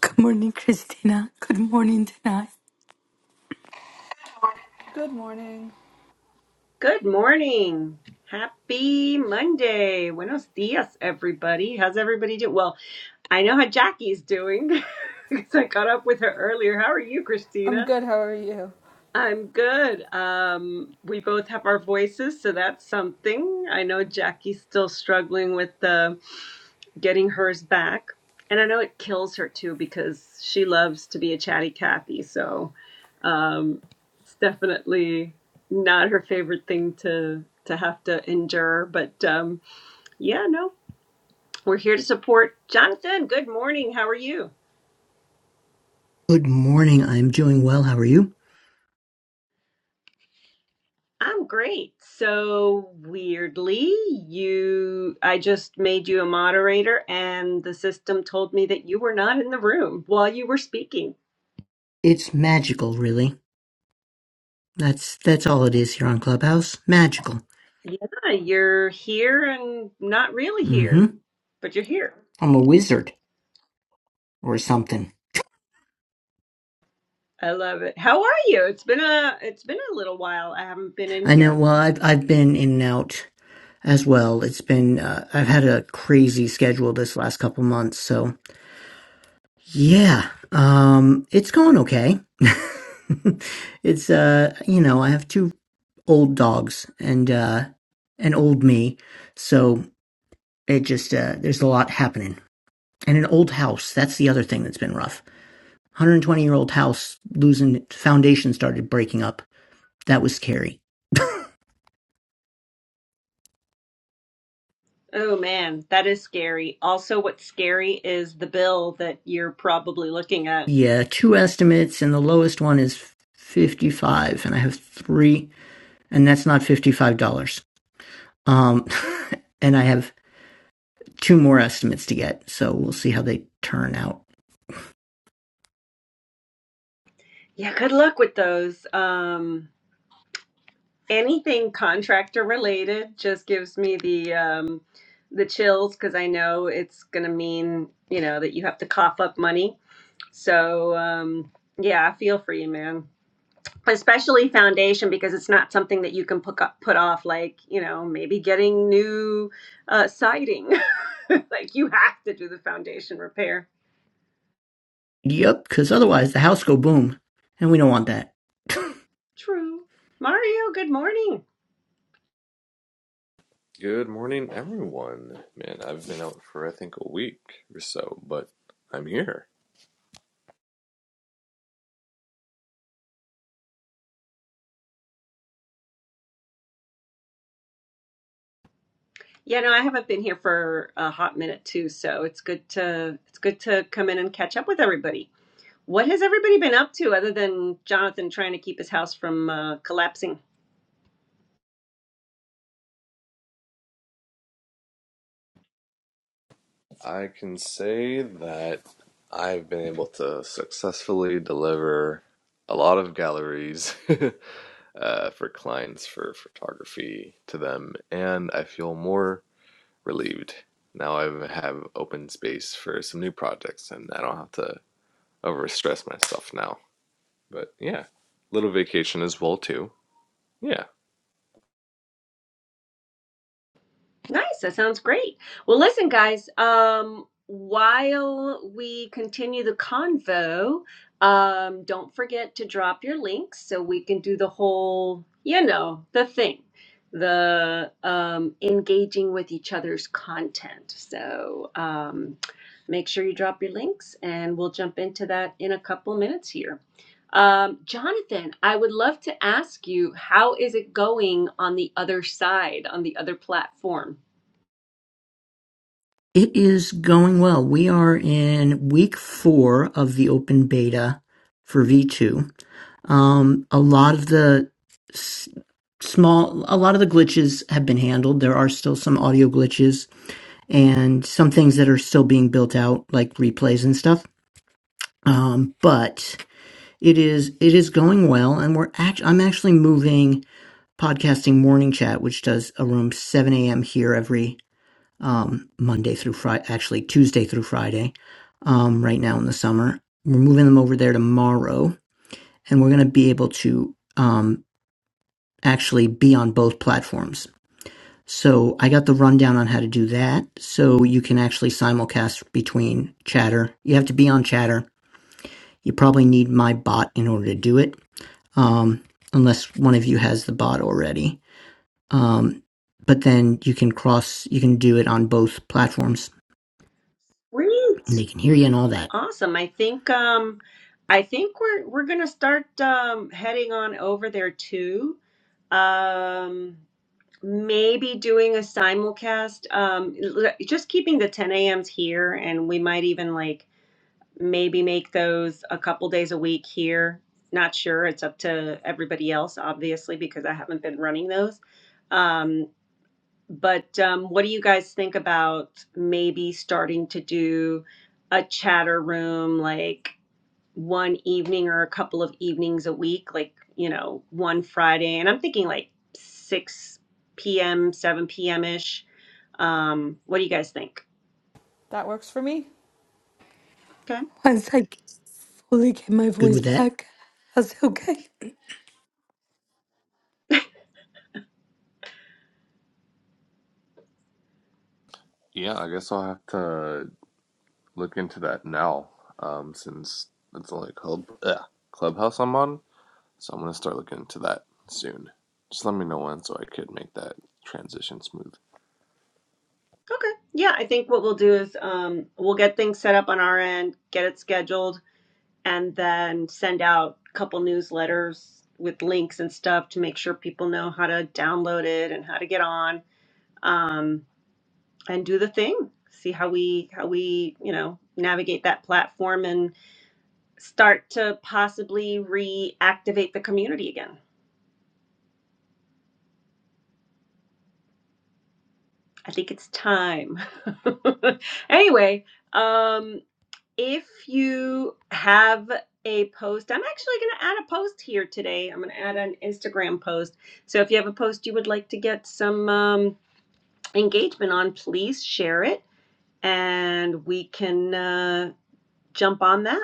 Good morning, Christina. Good morning, Dana. Good morning. Good morning. Happy Monday. Buenos dias, everybody. How's everybody doing? Well, I know how Jackie's doing because I caught up with her earlier. How are you, I'm Christina? good. How are you? I'm good. Um, we both have our voices, so that's something. I know Jackie's still struggling with the getting hers back. And I know it kills her too because she loves to be a chatty Cathy. So um, it's definitely not her favorite thing to to have to endure. But um, yeah, no, we're here to support Jonathan. Good morning. How are you? Good morning. I'm doing well. How are you? I'm great. So weirdly, you I just made you a moderator and the system told me that you were not in the room while you were speaking. It's magical, really. That's that's all it is here on Clubhouse. Magical. Yeah, you're here and not really Mm-hmm. here, but you're here. I'm a wizard or something. I love it. How are you? It's been a it's been a little while. I haven't been in I know. here. Well, I've I've been in and out as well. It's been uh, I've had a crazy schedule this last couple months. So yeah, um, it's going okay. it's uh, you know, I have two old dogs and uh, an old me, so it just uh, there's a lot happening. and an old house. That's the other thing that's been rough. 120 year old house losing foundation started breaking up. That was scary. Oh man, that is scary. Also, what's scary is the bill that you're probably looking at. Yeah, two estimates, and the lowest one is 55, and I have three, and that's not $55. Um, and I have two more estimates to get, so we'll see how they turn out. Yeah, good luck with those. Um, anything contractor related just gives me the um, the chills because I know it's gonna mean, you know, that you have to cough up money. So, um, yeah, I feel for you, man. especially foundation because it's not something that you can put up, put off like you know maybe getting new uh, siding like you have to do the foundation repair Yep, because otherwise the house go boom, and we don't want that. true mario good morning Good morning, everyone. Man, I've been out for I think a week or so, but I'm here. yeah no i haven't been here for a hot minute too so it's good to it's good to come in and catch up with everybody what has everybody been up to other than jonathan trying to keep his house from uh, collapsing I can say that I've been able to successfully deliver a lot of galleries uh, for clients for photography to them, and I feel more relieved. Now I have open space for some new projects, and I don't have to overstress myself now. But yeah, little vacation as well too. Yeah. Nice. That sounds great. Well, listen, guys, um, while we continue the convo, um, don't forget to drop your links so we can do the whole, you know, the thing, the um, engaging with each other's content. So um, make sure you drop your links and we'll jump into that in a couple minutes here. Um, Jonathan, I would love to ask you, how is it going on the other side, on the other platform? It is going well. We are in week four of the open beta for V2 Um, a lot of the s- small, a lot of the glitches have been handled. There are still some audio glitches and some things that are still being built out, like replays and stuff. Um, but it is it is going well, and we're act- I'm actually moving podcasting morning chat, which does a room 7 a.m. here every um, Monday through Friday, actually Tuesday through Friday. Um, right now in the summer, we're moving them over there tomorrow, and we're going to be able to. Um, actually be on both platforms. So I got the rundown on how to do that. So you can actually simulcast between Chatter. You have to be on Chatter. You probably need my bot in order to do it, um, unless one of you has the bot already. Um, but then you can cross, you can do it on both platforms, and Great. they can hear you and all that. Awesome. I think um I think we're we're gonna start um heading on over there too. Um maybe doing a simulcast. Um l- just keeping the 10 a.m.s here and we might even like maybe make those a couple days a week here. Not sure. It's up to everybody else, obviously, because I haven't been running those. Um but um, what do you guys think about maybe starting to do a chatter room like one evening or a couple of evenings a week, like, you know, one Friday? And I'm thinking like 6 p.m., 7 p.m. ish. Um, what do you guys think? That works for me. Okay. Once I fully get my Good voice with that? back, how's it okay? Yeah, I guess I'll have to look into that now, um, since it's only called club clubhouse I'm on. So I'm gonna start looking into that soon. Just let me know when so I could make that transition smooth. Okay. Yeah, I think what we'll do is um, we'll get things set up on our end, get it scheduled and then send out a couple newsletters with links and stuff to make sure people know how to download it and how to get on um, and do the thing see how we how we you know navigate that platform and start to possibly reactivate the community again i think it's time anyway um if you have a post, I'm actually going to add a post here today. I'm going to add an Instagram post. So if you have a post you would like to get some um, engagement on, please share it and we can uh, jump on that.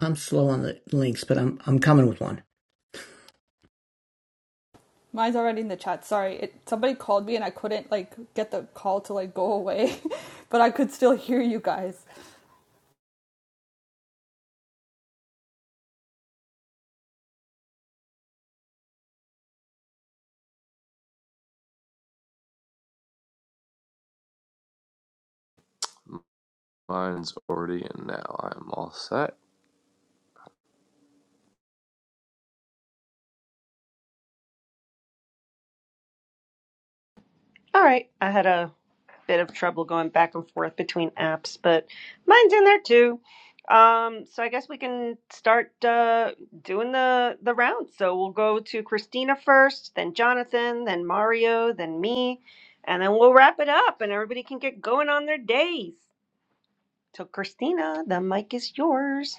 I'm slow on the links, but I'm I'm coming with one. Mine's already in the chat. Sorry, it somebody called me and I couldn't like get the call to like go away, but I could still hear you guys. Mine's already in now. I'm all set. All right. I had a bit of trouble going back and forth between apps, but mine's in there too. Um, so I guess we can start uh, doing the the rounds. So we'll go to Christina first, then Jonathan, then Mario, then me, and then we'll wrap it up, and everybody can get going on their days. So Christina, the mic is yours.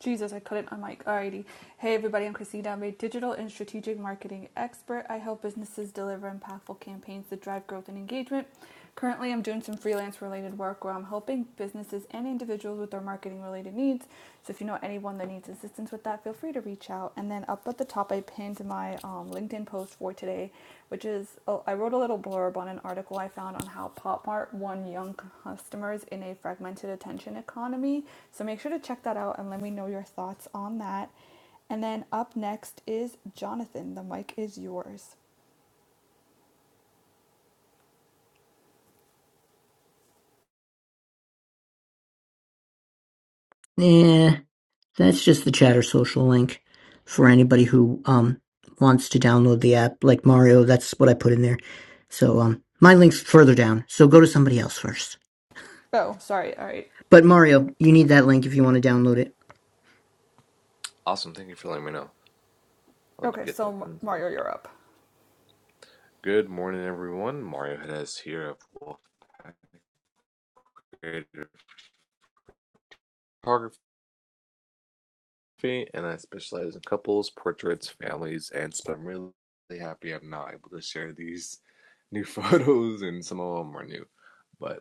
Jesus, I couldn't. I'm like, alrighty. Hey everybody, I'm Christina. I'm a digital and strategic marketing expert. I help businesses deliver impactful campaigns that drive growth and engagement. Currently, I'm doing some freelance related work where I'm helping businesses and individuals with their marketing related needs. So if you know anyone that needs assistance with that, feel free to reach out. And then up at the top, I pinned my um, LinkedIn post for today, which is oh, I wrote a little blurb on an article I found on how PopMart won young customers in a fragmented attention economy. So make sure to check that out and let me know your thoughts on that. And then up next is Jonathan. The mic is yours. Eh, That's just the Chatter social link for anybody who um wants to download the app. Like Mario, that's what I put in there. So um my link's further down. So go to somebody else first. Oh, sorry. All right. But Mario, you need that link if you want to download it. Awesome. Thank you for letting me know. I'll Okay, get that so done soon. Mario, you're up. Good morning, everyone. Mario Hedes here of Wolfpack Creative Photography. and I specialize in couples, portraits, families, and so I'm really happy I'm now able to share these new photos, and some of them are new. But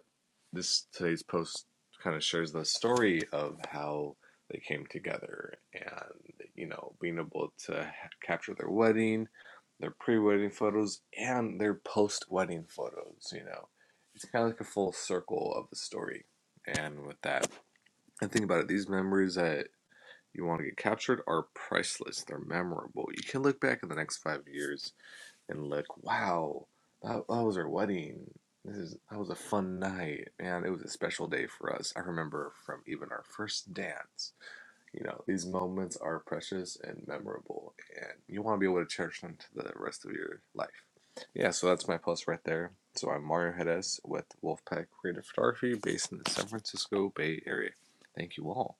this today's post kind of shares the story of how they came together, and you know, being able to capture their wedding, their pre-wedding photos, and their post-wedding photos. You know, it's kind of like a full circle of the story. And with that, and think about it, these memories that you want to get captured are priceless. They're memorable. You can look back in the next five years and look, wow, that, that was our wedding. This is that was a fun night, and it was a special day for us. I remember from even our first dance. You know, these moments are precious and memorable, and you want to be able to cherish them to the rest of your life. Yeah, so that's my plus right there. So I'm Mario Hedes with Wolfpack Creative Photography, based in the San Francisco Bay Area. Thank you all.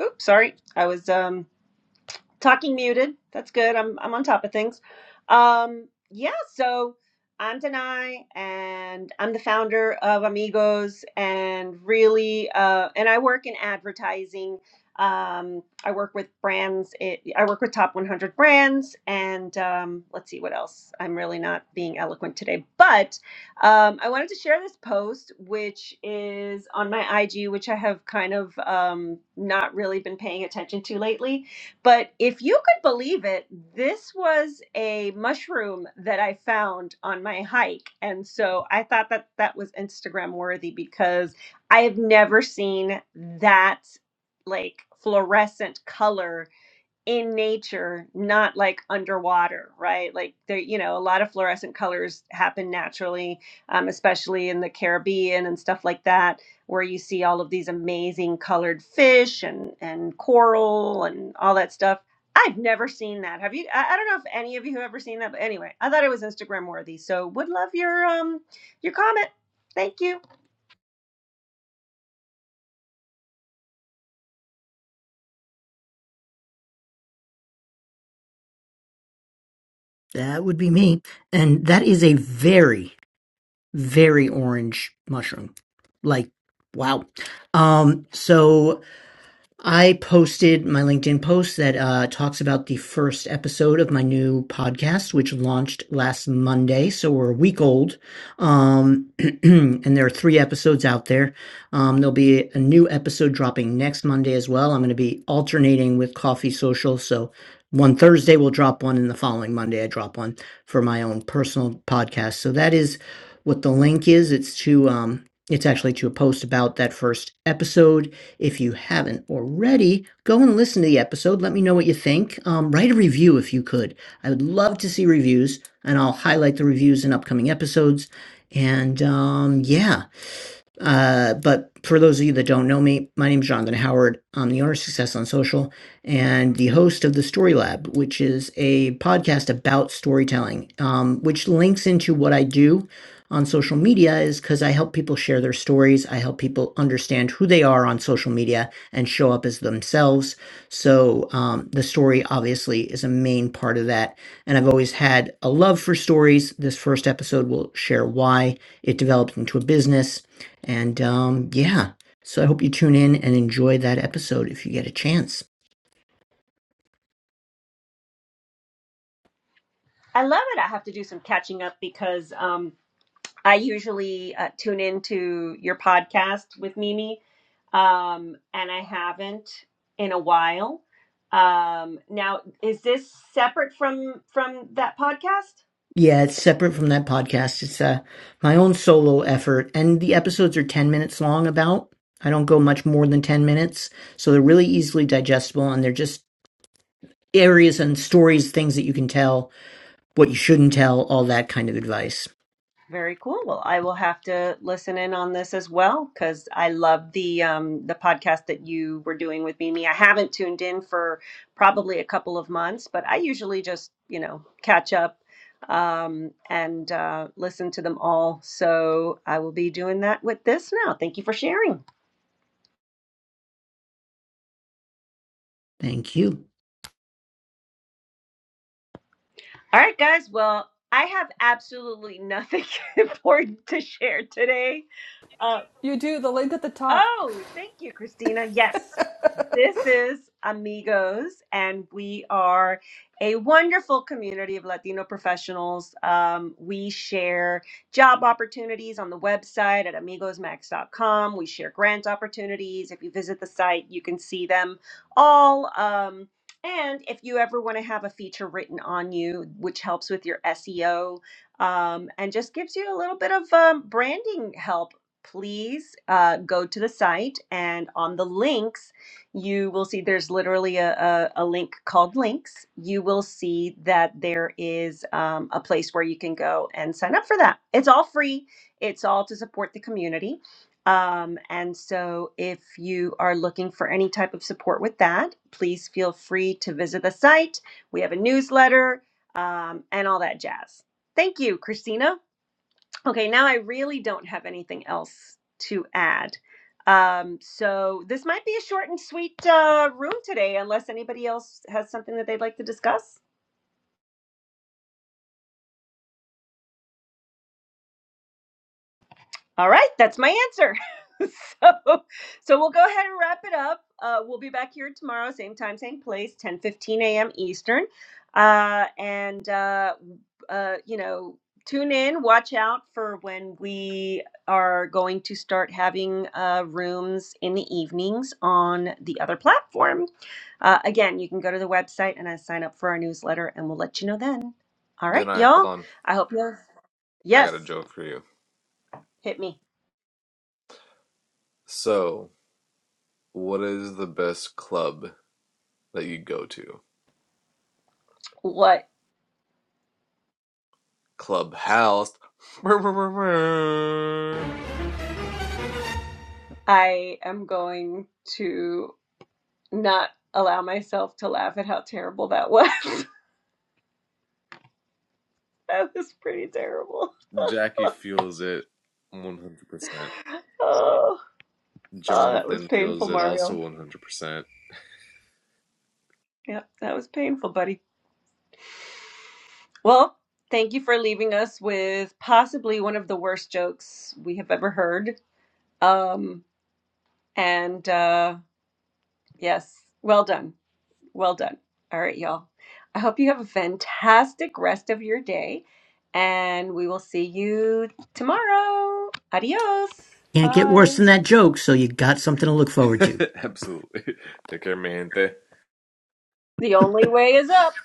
Oops, sorry, I was um talking muted. That's good. I'm I'm on top of things. Um, yeah, so I'm Danai and I'm the founder of Amigos and really uh, and I work in advertising. Um, I work with brands. It, I work with top 100 brands and um, let's see what else. I'm really not being eloquent today, but um, I wanted to share this post, which is on my IG, which I have kind of um, not really been paying attention to lately but if you could believe it, this was a mushroom that I found on my hike. And so I thought that that was Instagram worthy because I have never seen that like fluorescent color in nature, not like underwater, right? Like there, you know, a lot of fluorescent colors happen naturally, um, especially in the Caribbean and stuff like that, where you see all of these amazing colored fish and and coral and all that stuff. I've never seen that. Have you? I, I don't know if any of you have ever seen that, but anyway, I thought it was Instagram worthy. So would love your um your comment. Thank you. That would be me. And that is a very very orange mushroom. Like wow. Um so I posted my LinkedIn post that uh, talks about the first episode of my new podcast, which launched last Monday. So we're a week old. Um, and there are three episodes out there. Um, there'll be a new episode dropping next Monday as well. I'm going to be alternating with Coffee Social. So one Thursday we'll drop one, and the following Monday I drop one for my own personal podcast. So that is what the link is. It's to. Um, it's actually to a post about that first episode if you haven't already, go and listen to the episode. Let me know what you think. Um, write a review if you could. I would love to see reviews, and I'll highlight the reviews in upcoming episodes. And um, yeah. Uh, but for those of you that don't know me, my name is Jonathan Howard. I'm the owner of Success on Social and the host of the Story Lab, which is a podcast about storytelling, um, which links into what I do on social media is because I help people share their stories. I help people understand who they are on social media and show up as themselves. So um, the story obviously is a main part of that. And I've always had a love for stories. This first episode will share why it developed into a business and um, yeah, so I hope you tune in and enjoy that episode if you get a chance. I love it. I have to do some catching up because um I usually uh, tune into your podcast with Mimi, um, and I haven't in a while. Um, now, is this separate from from that podcast? Yeah, it's separate from that podcast. It's uh, my own solo effort, and the episodes are 10 minutes long about. I don't go much more than 10 minutes, so they're really easily digestible and they're just areas and stories, things that you can tell, what you shouldn't tell, all that kind of advice. Very cool. Well, I will have to listen in on this as well because I love the um, the podcast that you were doing with Mimi. I haven't tuned in for probably a couple of months, but I usually just you know catch up um, and uh, listen to them all. So I will be doing that with this now. Thank you for sharing. Thank you. All right, guys. Well, I have absolutely nothing important to share today. Uh, You do the link at the top. oh, thank you, Christina. Yes. This is Amigos, and we are a wonderful community of Latino professionals. Um, we share job opportunities on the website at amigosmax.com. We share grant opportunities. If you visit the site, you can see them all. Um, and if you ever want to have a feature written on you, which helps with your SEO um, and just gives you a little bit of um, branding help, please uh, go to the site and on the links you will see there's literally a, a, a link called links. You will see that there is um, a place where you can go and sign up for that. It's all free, it's all to support the community. Um, and so, if you are looking for any type of support with that, please feel free to visit the site. We have a newsletter um, and all that jazz. Thank you, Christina. Okay, now I really don't have anything else to add. Um, so this might be a short and sweet uh, room today, unless anybody else has something that they'd like to discuss. All right, that's my answer. so, so we'll go ahead and wrap it up. Uh, we'll be back here tomorrow, same time, same place, ten fifteen a.m. Eastern. Uh, and, uh, uh, you know, tune in, watch out for when we are going to start having uh, rooms in the evenings on the other platform. Uh, again, you can go to the website and I sign up for our newsletter and we'll let you know then. All Then right, I hold y'all. on. I hope you I got a yes, joke for you. hit me. So, what is the best club that you go to? What? Clubhouse. I am going to not allow myself to laugh at how terrible that was. that was pretty terrible. Jackie feels it 100%. oh, oh, that was Jonathan feels painful, it Mario. also 100%. Yep, that was painful, buddy. Well, thank you for leaving us with possibly one of the worst jokes we have ever heard. Um, and uh, yes, well done. Well done. All right, y'all. I hope you have a fantastic rest of your day, and we will see you tomorrow. Adios. Can't get worse Bye. than that joke, so you got something to look forward to. Absolutely. Take care, man. The only way is up.